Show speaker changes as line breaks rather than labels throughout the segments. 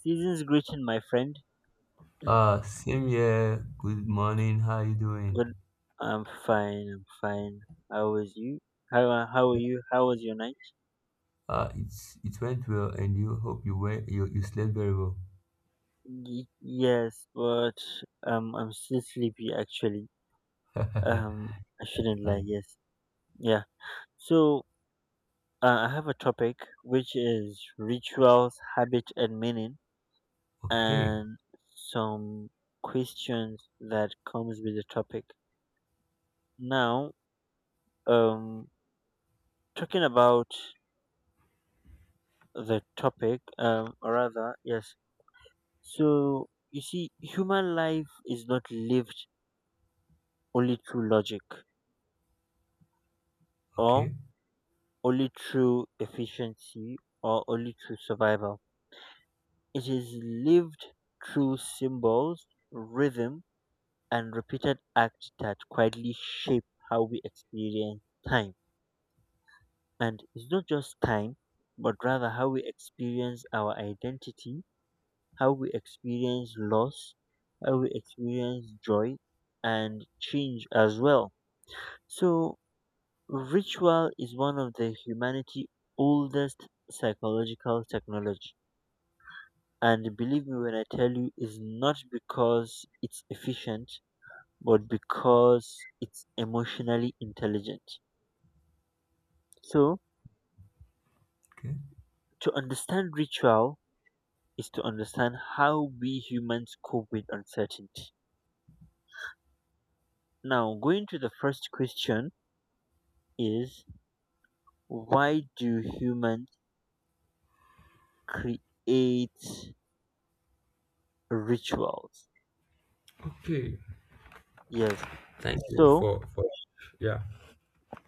Season's greeting, my friend.
Same here. Good morning. How you doing?
Good. I'm fine. How was you? How are you? How was your night?
It went well, and you hope you slept very well.
Yes, but I'm still sleepy actually. Um,
Fine.
I shouldn't lie. Yes. Yeah. So I have a topic which is rituals, habit, and meaning,
Okay,
and some questions that comes with the topic. Now, um, talking about the topic, so you see, human life is not lived only through logic or
okay,
only through efficiency or only through survival. It is lived through symbols, rhythm, and repeated acts that quietly shape how we experience time. And it's not just time, but rather how we experience our identity, how we experience loss, how we experience joy and change as well. So ritual is one of the humanity's oldest psychological technology. And believe me when I tell you, it's not because it's efficient, but because it's emotionally intelligent. So,
okay,
to understand ritual is to understand how we humans cope with uncertainty. Now, going to the first question is, why do humans create rituals?
Okay.
Yes.
Thank you
So,
for yeah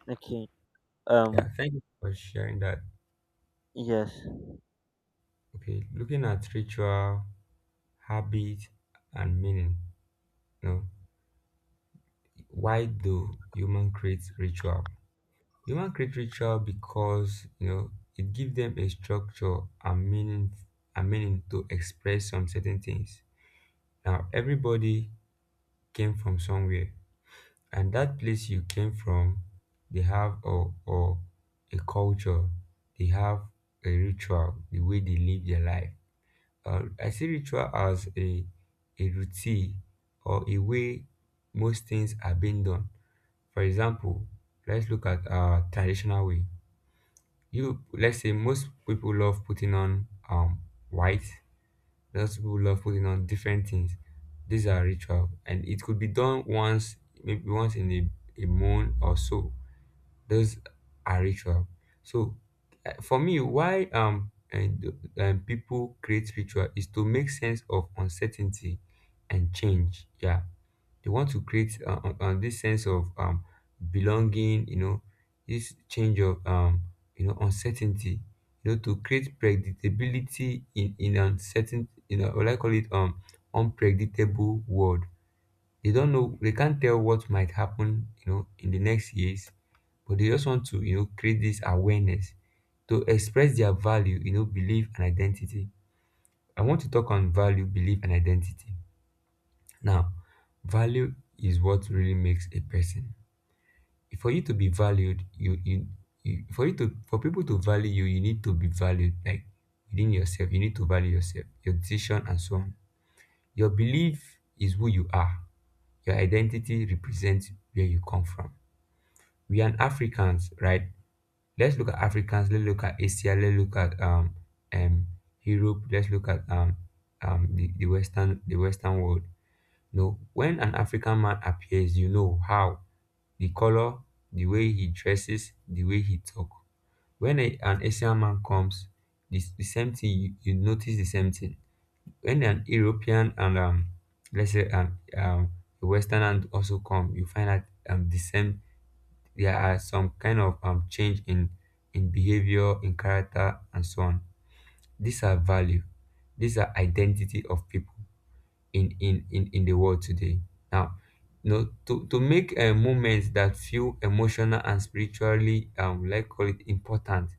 okay. Um,
yeah. Thank you for sharing that.
yes.
Okay. Looking at ritual, habit, and meaning. You know, why do human create ritual? Human create ritual because you know it gives them a structure and meaning and meaning to express some certain things. Now everybody came from somewhere and that place you came from they have a culture, they have a ritual, the way they live their life. I see ritual as a routine or a way most things are being done. For example, let's look at our traditional way. You Let's say most people love putting on white, most people love putting on different things. These are ritual and it could be done once, maybe once in a month or so. Those are ritual. So for me why and people create ritual is to make sense of uncertainty and change. Yeah, they want to create this sense of belonging, you know, this change of you know, uncertainty, you know, to create predictability in uncertain, you know, what I call it, unpredictable world. They don't know, they can't tell what might happen, you know, in the next years, but they just want to, you know, create this awareness to express their value, you know, belief and identity. I want to talk on value, belief and identity. Now, value is what really makes a person. For you to be valued, you for you to for people to value you, you need to be valued like within yourself. You need to value yourself, your decision, and so on. Your belief is who you are. Your identity represents where you come from. We are Africans, right? Let's look at Africans. Let's look at Asia. Let's look at um Europe. Let's look at the Western, the Western world. No, when an african man appears, you know how, the color, the way he dresses, the way he talk. When an asian man comes, this the same thing, you notice the same thing. When an european and let's say a western and also come, you find out the same, there are some kind of change in behavior in character and so on. These are value, these are identity of people in the world today. Now, you know, to make a moment that feel emotional and spiritually, like call it important.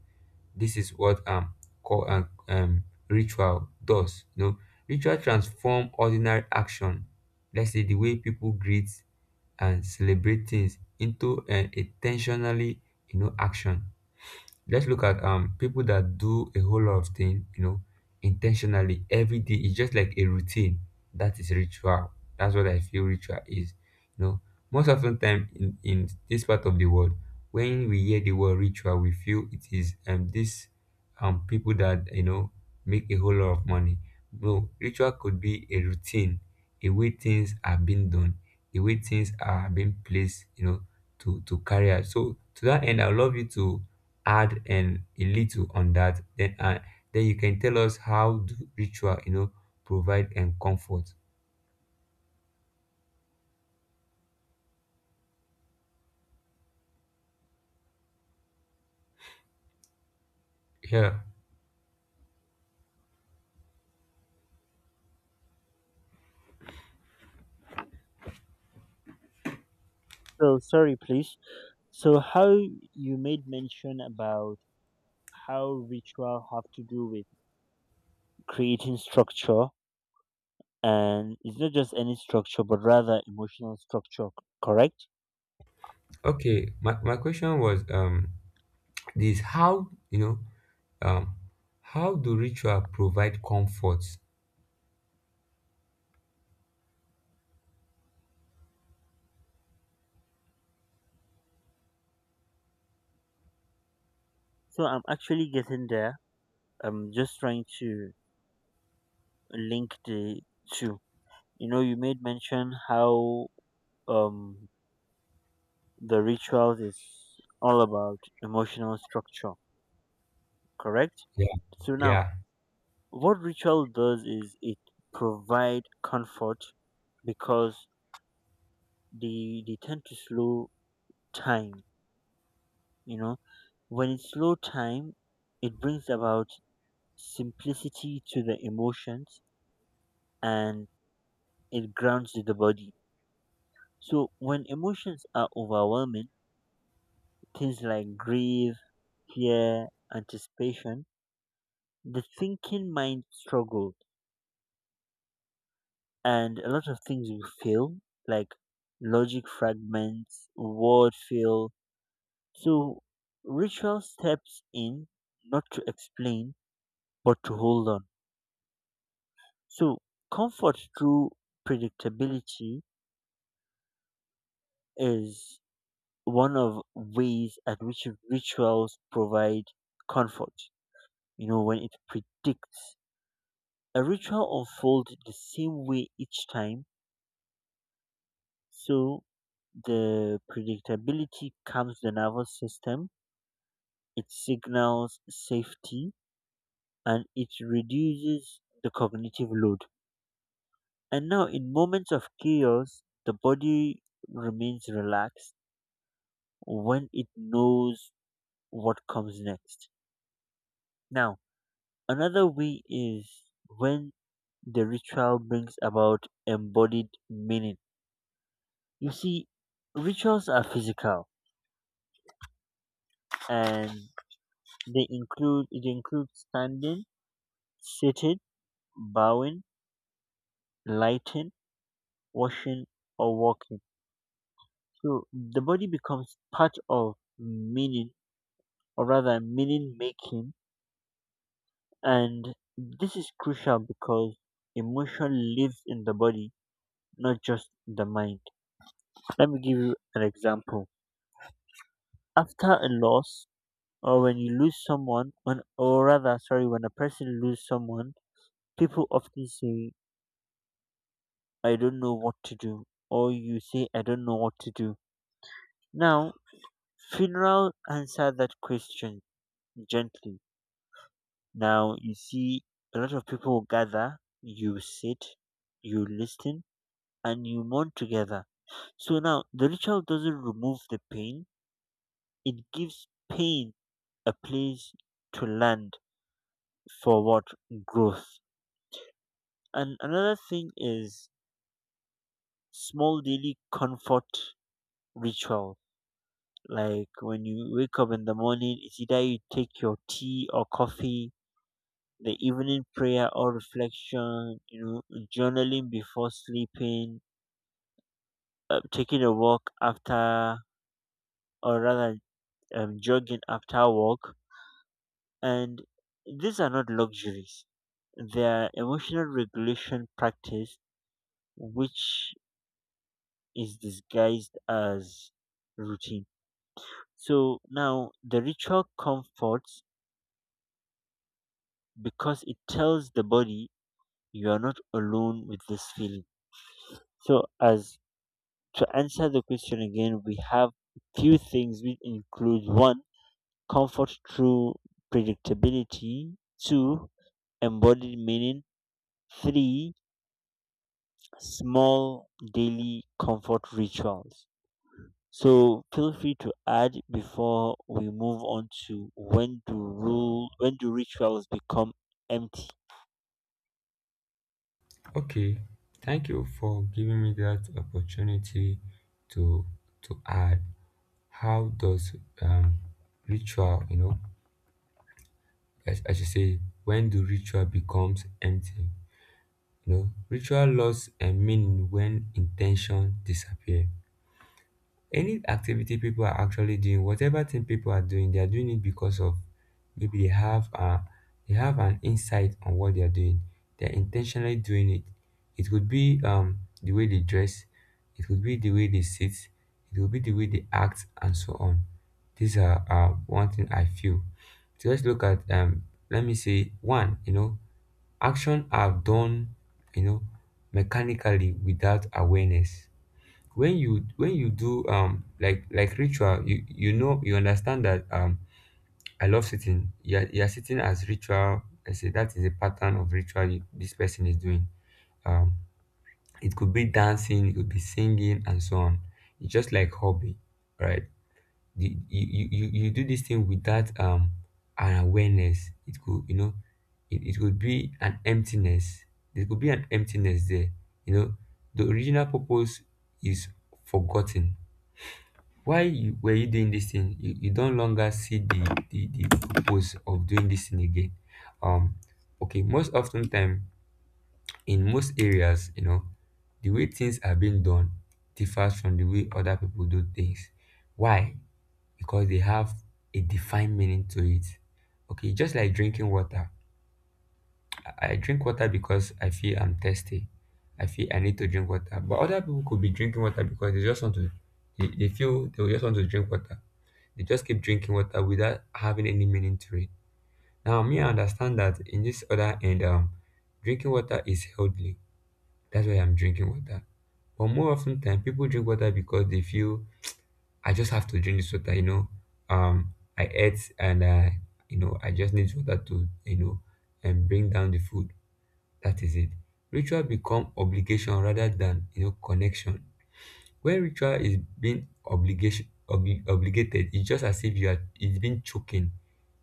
This is what call ritual does, you know. Ritual transform ordinary action. Let's say the way people greet and celebrate things into an intentionally, you know, action. Let's look at people that do a whole lot of things, you know, intentionally every day. It's just like a routine. That is ritual. That's what I feel ritual is. You know, most often time in this part of the world, when we hear the word ritual, we feel it is this, people that, you know, make a whole lot of money. No, ritual could be a routine, a way things are being done, a way things are being placed, you know, to carry out. So to that end, I would love you to add and a little on that, then you can tell us how do ritual, you know, provide and comfort. Yeah.
So sorry, please. So how, you made mention about how ritual have to do with creating structure, and it's not just any structure, but rather emotional structure. Correct?
Okay, my question was this, how, you know, um how do ritual provide comfort.
So I'm actually getting there. I'm just trying to link the two. You know, you made mention how um the rituals is all about emotional structure, correct?
Yeah.
So now,
Yeah.
what ritual does is it provide comfort because they tend to slow time, you know. When it's slow time, it brings about simplicity to the emotions, and it grounds the body. So when emotions are overwhelming, things like grief, fear, anticipation, the thinking mind struggles and a lot of things will fail, like logic fragments, word fail. So ritual steps in not to explain, but to hold on. So comfort through predictability is one of ways at which rituals provide comfort. You know, when it predicts a ritual unfolds the same way each time, so the predictability calms the nervous system. It signals safety and it reduces the cognitive load. And now, in moments of chaos, the body remains relaxed when it knows what comes next. Now, another way is when the ritual brings about embodied meaning. You see, rituals are physical and they include it includes standing, sitting, bowing, lighting, washing, or walking. So the body becomes part of meaning, or rather meaning making, and this is crucial because emotion lives in the body, not just the mind. Let me give you an example. After a loss, or when you lose someone, when, or rather, sorry, When a person loses someone, people often say, "I don't know what to do," or you say, "I don't know what to do." Now, funeral answer that question gently. Now you see a lot of people gather, you sit, you listen, and you mourn together. So now the ritual doesn't remove the pain, it gives pain a place to land for what? Growth. And another thing is small daily comfort ritual. Like when you wake up in the morning, it's either you take your tea or coffee, the evening prayer or reflection, you know, journaling before sleeping, taking a walk after, or rather, jogging after work. And these are not luxuries, they are emotional regulation practice, which is disguised as routine. So now the ritual comforts because it tells the body you are not alone with this feeling. So, as to answer the question again, we have few things which include one, comfort through predictability, two, embodied meaning, three, small daily comfort rituals. So feel free to add before we move on to when do rituals become empty.
Okay, thank you for giving me that opportunity to to add how does um ritual, you know, as you say, when do ritual becomes empty. You know, ritual loss and meaning when intention disappear. Any activity people are actually doing, whatever thing people are doing, they are doing it because of, maybe they have a, they have an insight on what they are doing. They are intentionally doing it. It could be the way they dress, it could be the way they sit, it could be the way they act, and so on. These are one thing I feel. So let's look at let me say one. You know, action are done, you know, mechanically without awareness. When you when you do like ritual, you know you understand that, I love sitting. You're sitting as ritual, I say that is a pattern of ritual you, this person is doing, um it could be dancing, it could be singing and so on. It's just like hobby, right? The, you do this thing without an awareness. It could, you know, it could be an emptiness, there could be an emptiness there, you know. The original purpose is forgotten. Why were you doing this thing, you don't longer see the purpose of doing this thing again. um okay, most often time in most areas, you know, the way things are being done differs from the way other people do things. Why? Because they have a defined meaning to it. Okay, just like drinking water. I drink water because I feel I'm thirsty. I feel I need to drink water. But other people could be drinking water because they just want to, they feel they just want to drink water. They just keep drinking water without having any meaning to it. Now, me, I understand that in this other end, drinking water is healthy. That's why I'm drinking water. But more often than people drink water because they feel I just have to drink this water, you know. I ate and I, you know, I just need water to, you know, and bring down the food. That is it. Ritual become obligation rather than, you know, connection. When ritual is being obligation obligated, it's just as if you are, it's been choking.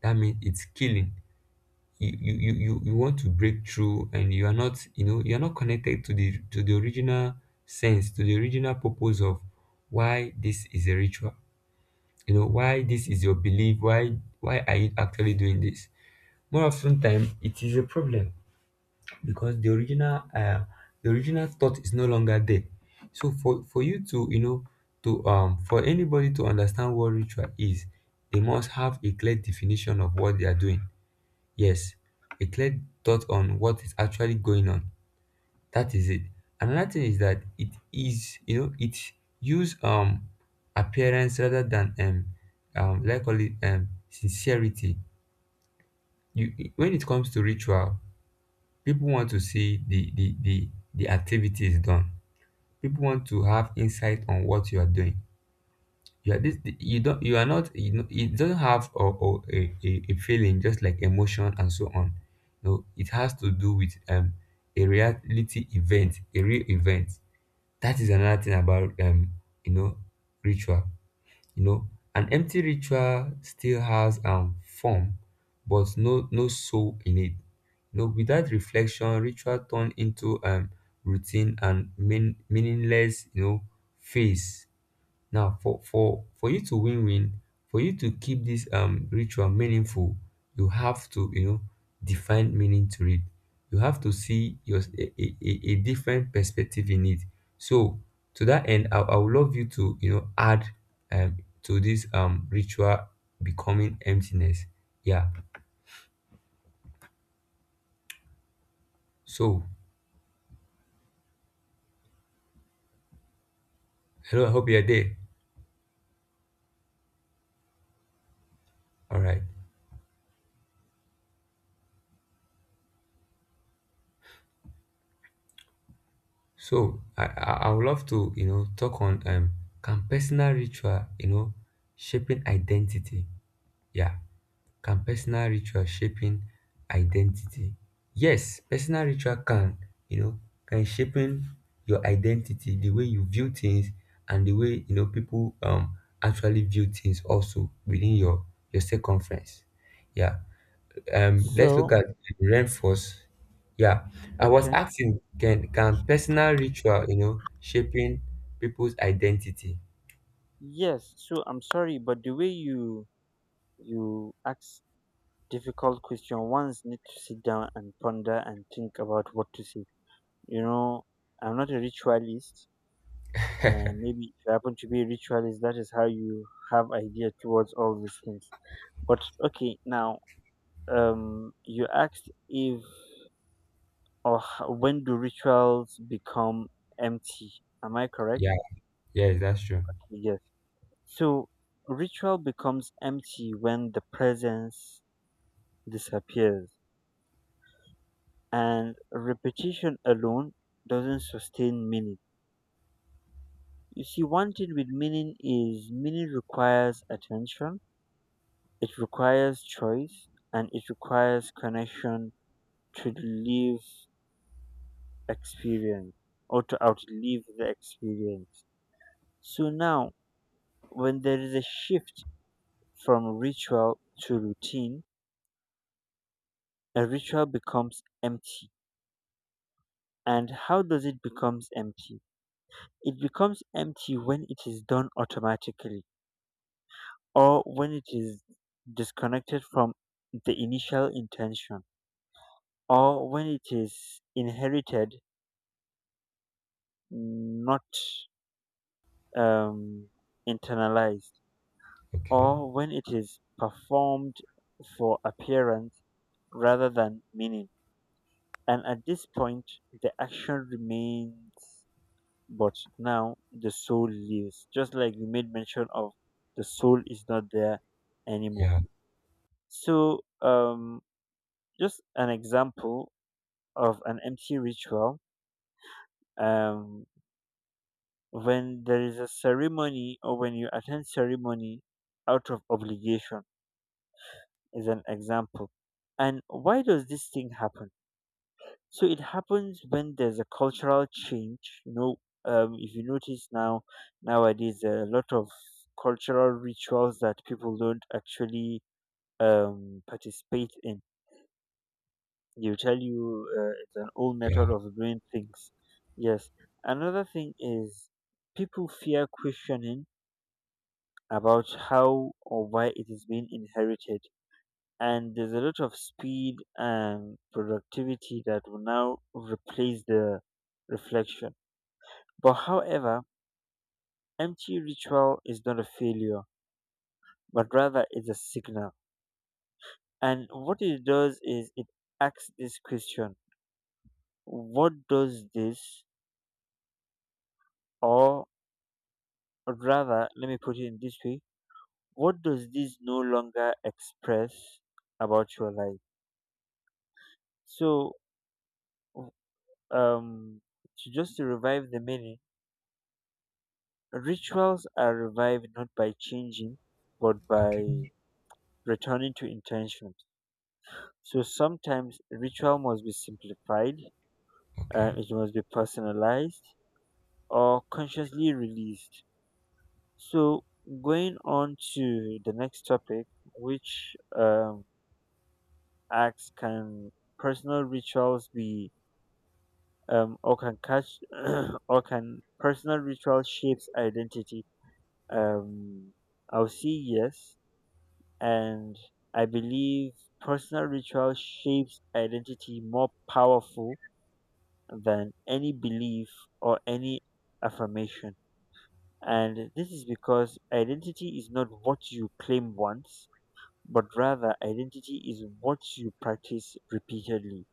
That means it's killing. You, you want to break through and you are not, you know, you are not connected to the original sense, to the original purpose of why this is a ritual, you know, why this is your belief, why are you actually doing this. More often time it is a problem because the original thought is no longer there. So for you to, you know, to for anybody to understand what ritual is, they must have a clear definition of what they are doing. Yes, a clear thought on what is actually going on. That is it. Another thing is that it is, you know, it use appearance rather than like call it sincerity. You when it comes to ritual, people want to see the activities done. People want to have insight on what you are doing. You are this, you don't, you are not, you know, it doesn't have a feeling just like emotion and so on. No, it has to do with a reality event, a real event. That is another thing about you know, ritual. You know, an empty ritual still has form but no soul in it. You know, without reflection ritual turn into routine and meaningless, you know, phase. Now for you to win, for you to keep this ritual meaningful, you have to, you know, define meaning to it. You have to see your a different perspective in it. So to that end, I would love you to, you know, add um to this ritual becoming emptiness. Yeah. So hello, I hope you're there. All right. So I would love to, you know, talk on can personal ritual, you know, shaping identity. Yeah. Can personal ritual shaping identity? Yes, personal ritual can, you know, can shaping your identity, the way you view things and the way, you know, people actually view things also within your circumference. Yeah. Let's look
So
at reinforce. Yeah. I was
okay,
asking can personal ritual, you know, shaping people's identity?
yes. So I'm sorry, but the way you ask difficult question, ones need to sit down and ponder and think about what to say. You know, I'm not a ritualist, and maybe if you happen to be a ritualist, that is how you have idea towards all these things. But okay, now you asked if when do rituals become empty? Am I correct?
Yeah. Yes, that's true.
Yes. So ritual becomes empty when the presence disappears, and repetition alone doesn't sustain meaning. You see, one thing with meaning is meaning requires attention. It requires choice and it requires connection to live experience or to outlive the experience. So now, when there is a shift from ritual to routine, a ritual becomes empty. And how does it becomes empty? It becomes empty when it is done automatically, or when it is disconnected from the initial intention, or when it is inherited not um, internalized,
Okay.
or when it is performed for appearance rather than meaning. And at this point, the action remains, but now the soul lives. Just like you made mention of, the soul is not there anymore.
Yeah.
So, just an example of an empty ritual. Um, when there is a ceremony or when you attend ceremony out of obligation is an example. And why does this thing happen? So it happens when there's a cultural change. You know, if you notice now, nowadays there are a lot of cultural rituals that people don't actually participate in. They'll tell you it's an old method
Yeah.
of doing things. Yes. Another thing is people fear questioning about how or why it is being inherited, and there's a lot of speed and productivity that will now replace the reflection. But however, empty ritual is not a failure, but rather it's a signal. And what it does is it asks this question. What does this, or rather, let me put it in this way, what does this no longer express about your life? So, um, to just to revive the meaning, rituals are revived not by changing, but
Okay.
by returning to intentions. So sometimes ritual must be simplified,
Okay.
it must be personalized or consciously released. So going on to the next topic, which acts can personal rituals be or can catch or can personal ritual shapes identity? Um, I'll say yes, and I believe personal ritual shapes identity more powerful than any belief or any affirmation. And this is because identity is not what you claim once, but rather identity is what you practice repeatedly.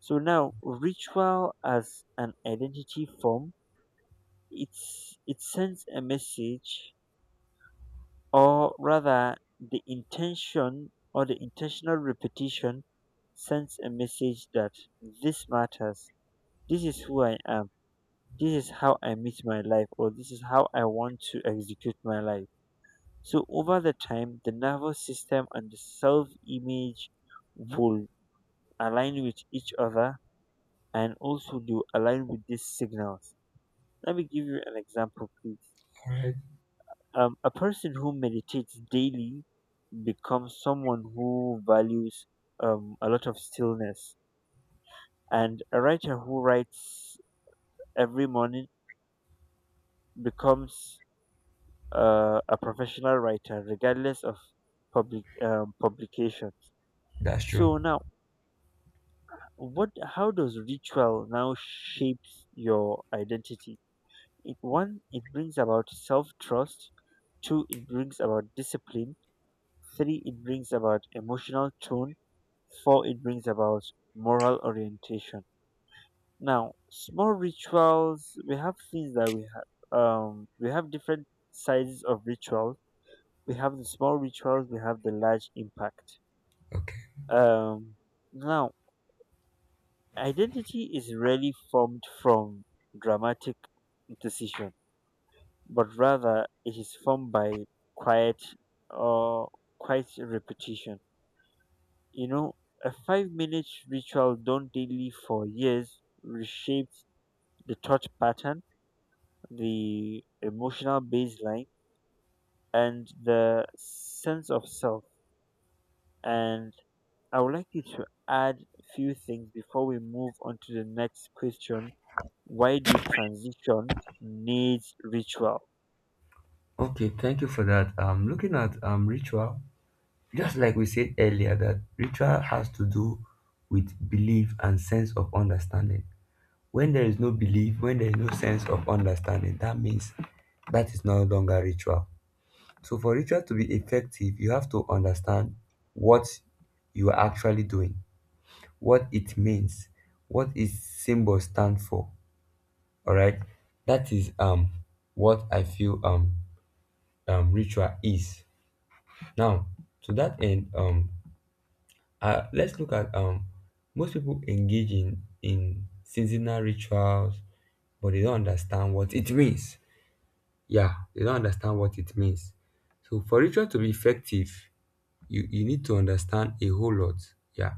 So now ritual as an identity form, it sends a message, or rather the intention or the intentional repetition sends a message that this matters, this is who I am, this is how I meet my life, or this is how I want to execute my life. So over the time, the nervous system and the self image will align with each other, and also they will align with these signals. Let me give you an example, please.
All right,
A person who meditates daily become someone who values a lot of stillness. And a writer who writes every morning becomes a professional writer, regardless of public publication.
that's true.
So now, what? How does ritual now shapes your identity? It one, it brings about self trust. Two, it brings about discipline. Three, it brings about emotional tone. Four, it brings about moral orientation. Now, small rituals. We have things that we have. We have different sizes of rituals. We have the small rituals. We have the large impact.
Okay.
Um, now, identity is rarely formed from dramatic decision, but rather it is formed by quiet or quiet repetition. You know, a 5-minute ritual done daily for years reshapes the thought pattern, the emotional baseline, and the sense of self. And I would like you to add few things before we move on to the next question, why do transition needs ritual?
Okay, thank you for that. Looking at ritual, just like we said earlier, that ritual has to do with belief and sense of understanding. When there is no belief, when there is no sense of understanding, that means that is no longer ritual. So for ritual to be effective, you have to understand what you are actually doing, what it means, what its symbol stand for. All right, that is what I feel ritual is. Now, to that end, let's look at most people engage in seasonal rituals, but they don't understand what it means. Yeah, they don't understand what it means. So, for ritual to be effective, you need to understand a whole lot. Yeah,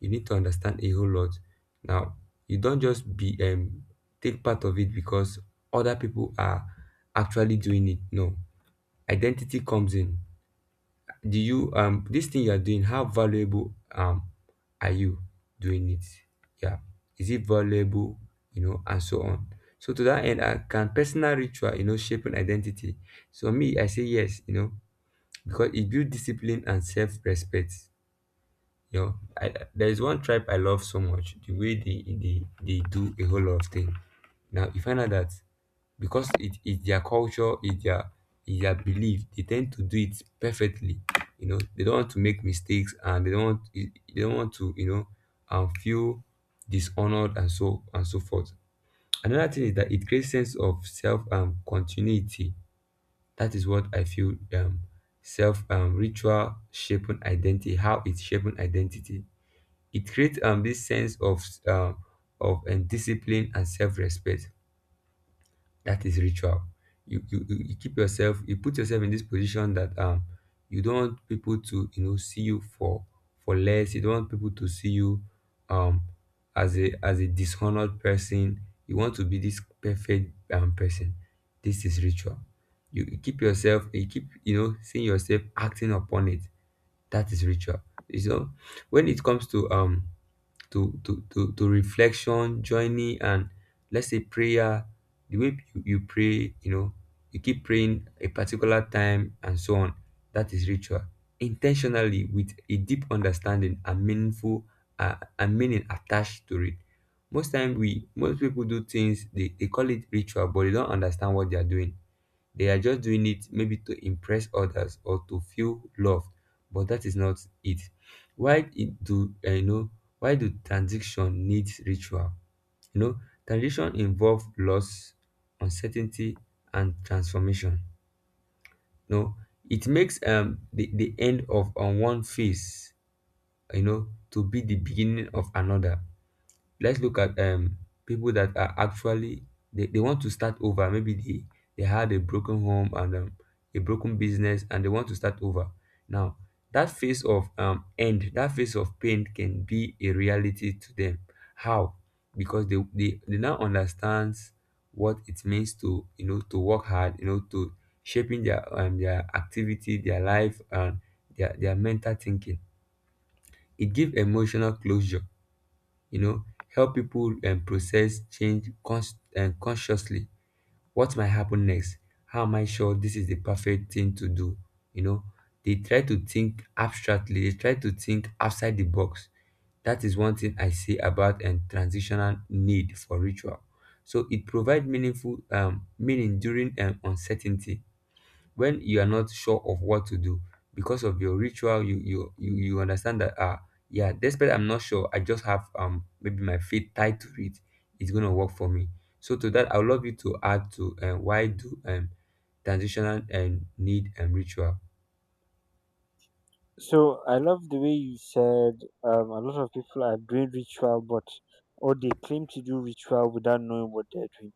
you need to understand a whole lot. Now, you don't just be take part of it because other people are actually doing it. No, identity comes in, do you this thing you are doing, how valuable are you doing it? Yeah, is it valuable, you know, and so on. So to that end, can personal ritual, you know, shape an identity? So me, I say yes, you know, because it builds discipline and self-respect. There is one tribe I love so much. The way they do a whole lot of things. Now you find out that because it is their culture, it's their belief. They tend to do it perfectly. You know, they don't want to make mistakes, and they don't want to, you know, feel dishonored and so forth. Another thing is that it creates sense of self, continuity. That is what I feel, self, ritual shaping identity. How it's shaping identity, it creates this sense of, discipline and self-respect. That is ritual. You keep yourself, you put yourself in this position that, um, you don't want people to, you know, see you for less. You don't want people to see you, um, as a dishonored person. You want to be this perfect, person. This is ritual. You keep yourself, you keep, you know, seeing yourself acting upon it. That is ritual, you know. When it comes to, to reflection, joining and let's say prayer. The way you pray, you know, you keep praying a particular time and so on. That is ritual. Intentionally, with a deep understanding and meaning attached to it. Most time we most people do things, they call it ritual, but they don't understand what they are doing. They are just doing it maybe to impress others or to feel loved, but that is not it. Why it do, eh, you know? Why do transition need ritual? You know, transition involve loss, uncertainty, and transformation. No, it makes the end of on one phase, you know, to be the beginning of another. Let's look at, um, people that are actually, they want to start over. Maybe they, had a broken home and, a broken business, and they want to start over. Now that phase of, end that phase of pain can be a reality to them. How? Because they now understands what it means to, you know, to work hard, you know, to shaping their, their activity, their life, and their mental thinking. It gives emotional closure, you know. Help people, process change, consciously. What might happen next? How am I sure this is the perfect thing to do? You know, they try to think abstractly, they try to think outside the box. That is one thing I say about and transitional need for ritual. So it provides meaningful, meaning during, uncertainty. When you are not sure of what to do, because of your ritual, you understand that, ah, yeah, despite I'm not sure, I just have, um, maybe my faith tied to it, it's going to work for me. So to that, I would love you to add to, why do, transitional and need and ritual.
So I love the way you said a lot of people are doing ritual, but or they claim to do ritual without knowing what they're doing.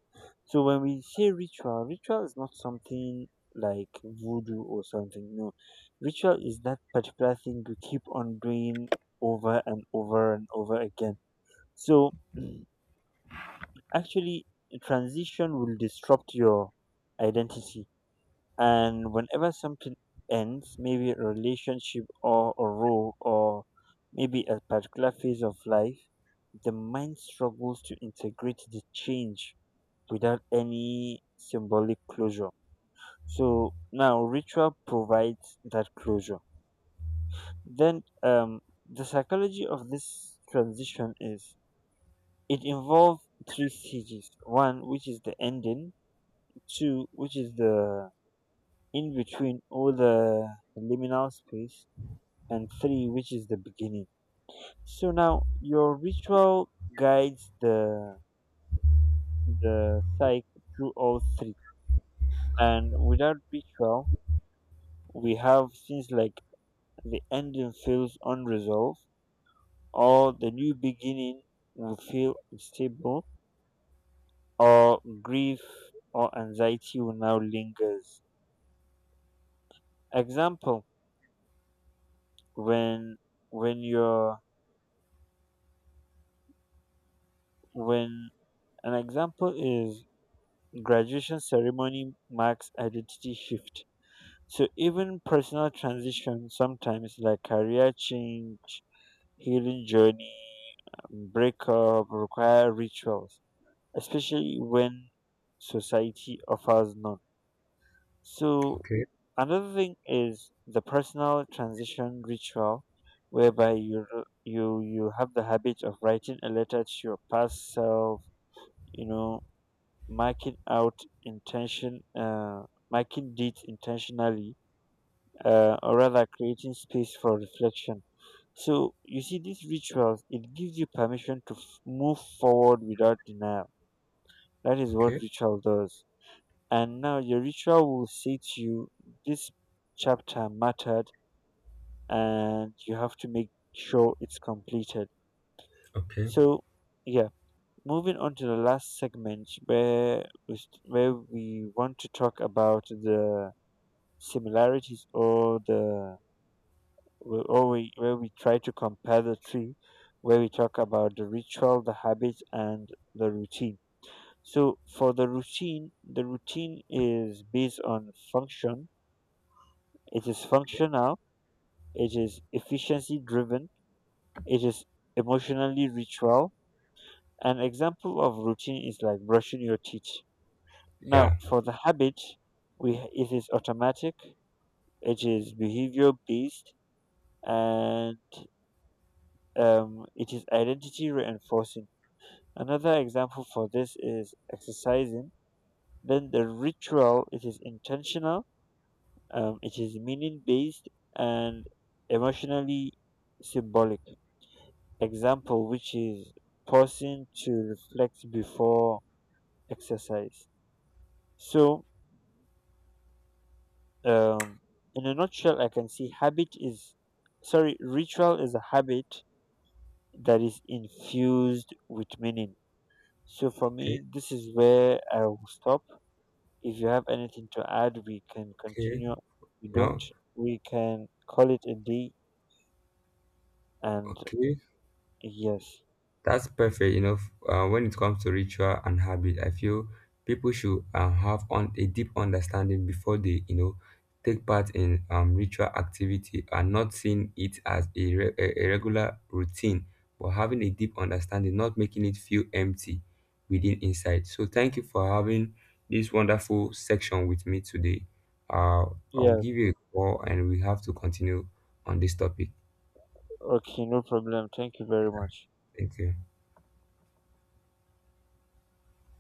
So when we say ritual, ritual is not something like voodoo or something. No, ritual is that particular thing you keep on doing over and over and over again. So actually, transition will disrupt your identity, and whenever something ends, maybe a relationship or a role or maybe a particular phase of life, the mind struggles to integrate the change without any symbolic closure. So now ritual provides that closure. Then the psychology of this transition is it involves three stages, one, which is the ending, two, which is the in between all the liminal space, and three, which is the beginning. So now your ritual guides the psyche through all three, and without ritual, we have things like the ending feels unresolved, or the new beginning will feel unstable, or grief or anxiety will now lingers. Example: when when you're when an example is graduation ceremony marks identity shift. So even personal transition sometimes like career change, healing journey, breakup require rituals, especially when society offers none. So
Okay.
another thing is the personal transition ritual whereby you have the habit of writing a letter to your past self, you know, marking out intention, marking deeds intentionally, or rather creating space for reflection. So you see these rituals, it gives you permission to move forward without denial. That is what
Okay.
ritual does. And now your ritual will say to you, this chapter mattered, and you have to make sure it's completed.
Okay.
So yeah, moving on to the last segment where where we want to talk about the similarities, or the where- or we, where we try to compare the three, where we talk about the ritual, the habits, and the routine. So for the routine, the routine is based on function. It is functional, it is efficiency driven, it is emotionally ritual. An example of routine is like brushing your teeth. Now
Yeah.
for the habit, we it is automatic, it is behavior based, and it is identity reinforcing. Another example for this is exercising. Then the ritual, it is intentional, it is meaning based and emotionally symbolic. Example, which is pausing to reflect before exercise. So, um, in a nutshell, I can see ritual is a habit that is infused with meaning. So for
Okay.
me, this is where I will stop. If you have anything to add, we can
Okay.
continue. If you
You
don't,
know.
we can call it a day. And
Okay.
yes,
That's perfect. You know, when it comes to ritual and habit, I feel people should, have on a deep understanding before they, you know, take part in, ritual activity, and not seeing it as a, a regular routine, but having a deep understanding, not making it feel empty within inside. So thank you for having this wonderful section with me today. Uh, I'll
yes,
give you a call and we have to continue on this topic.
okay, no problem. Thank you very much.
Thank you.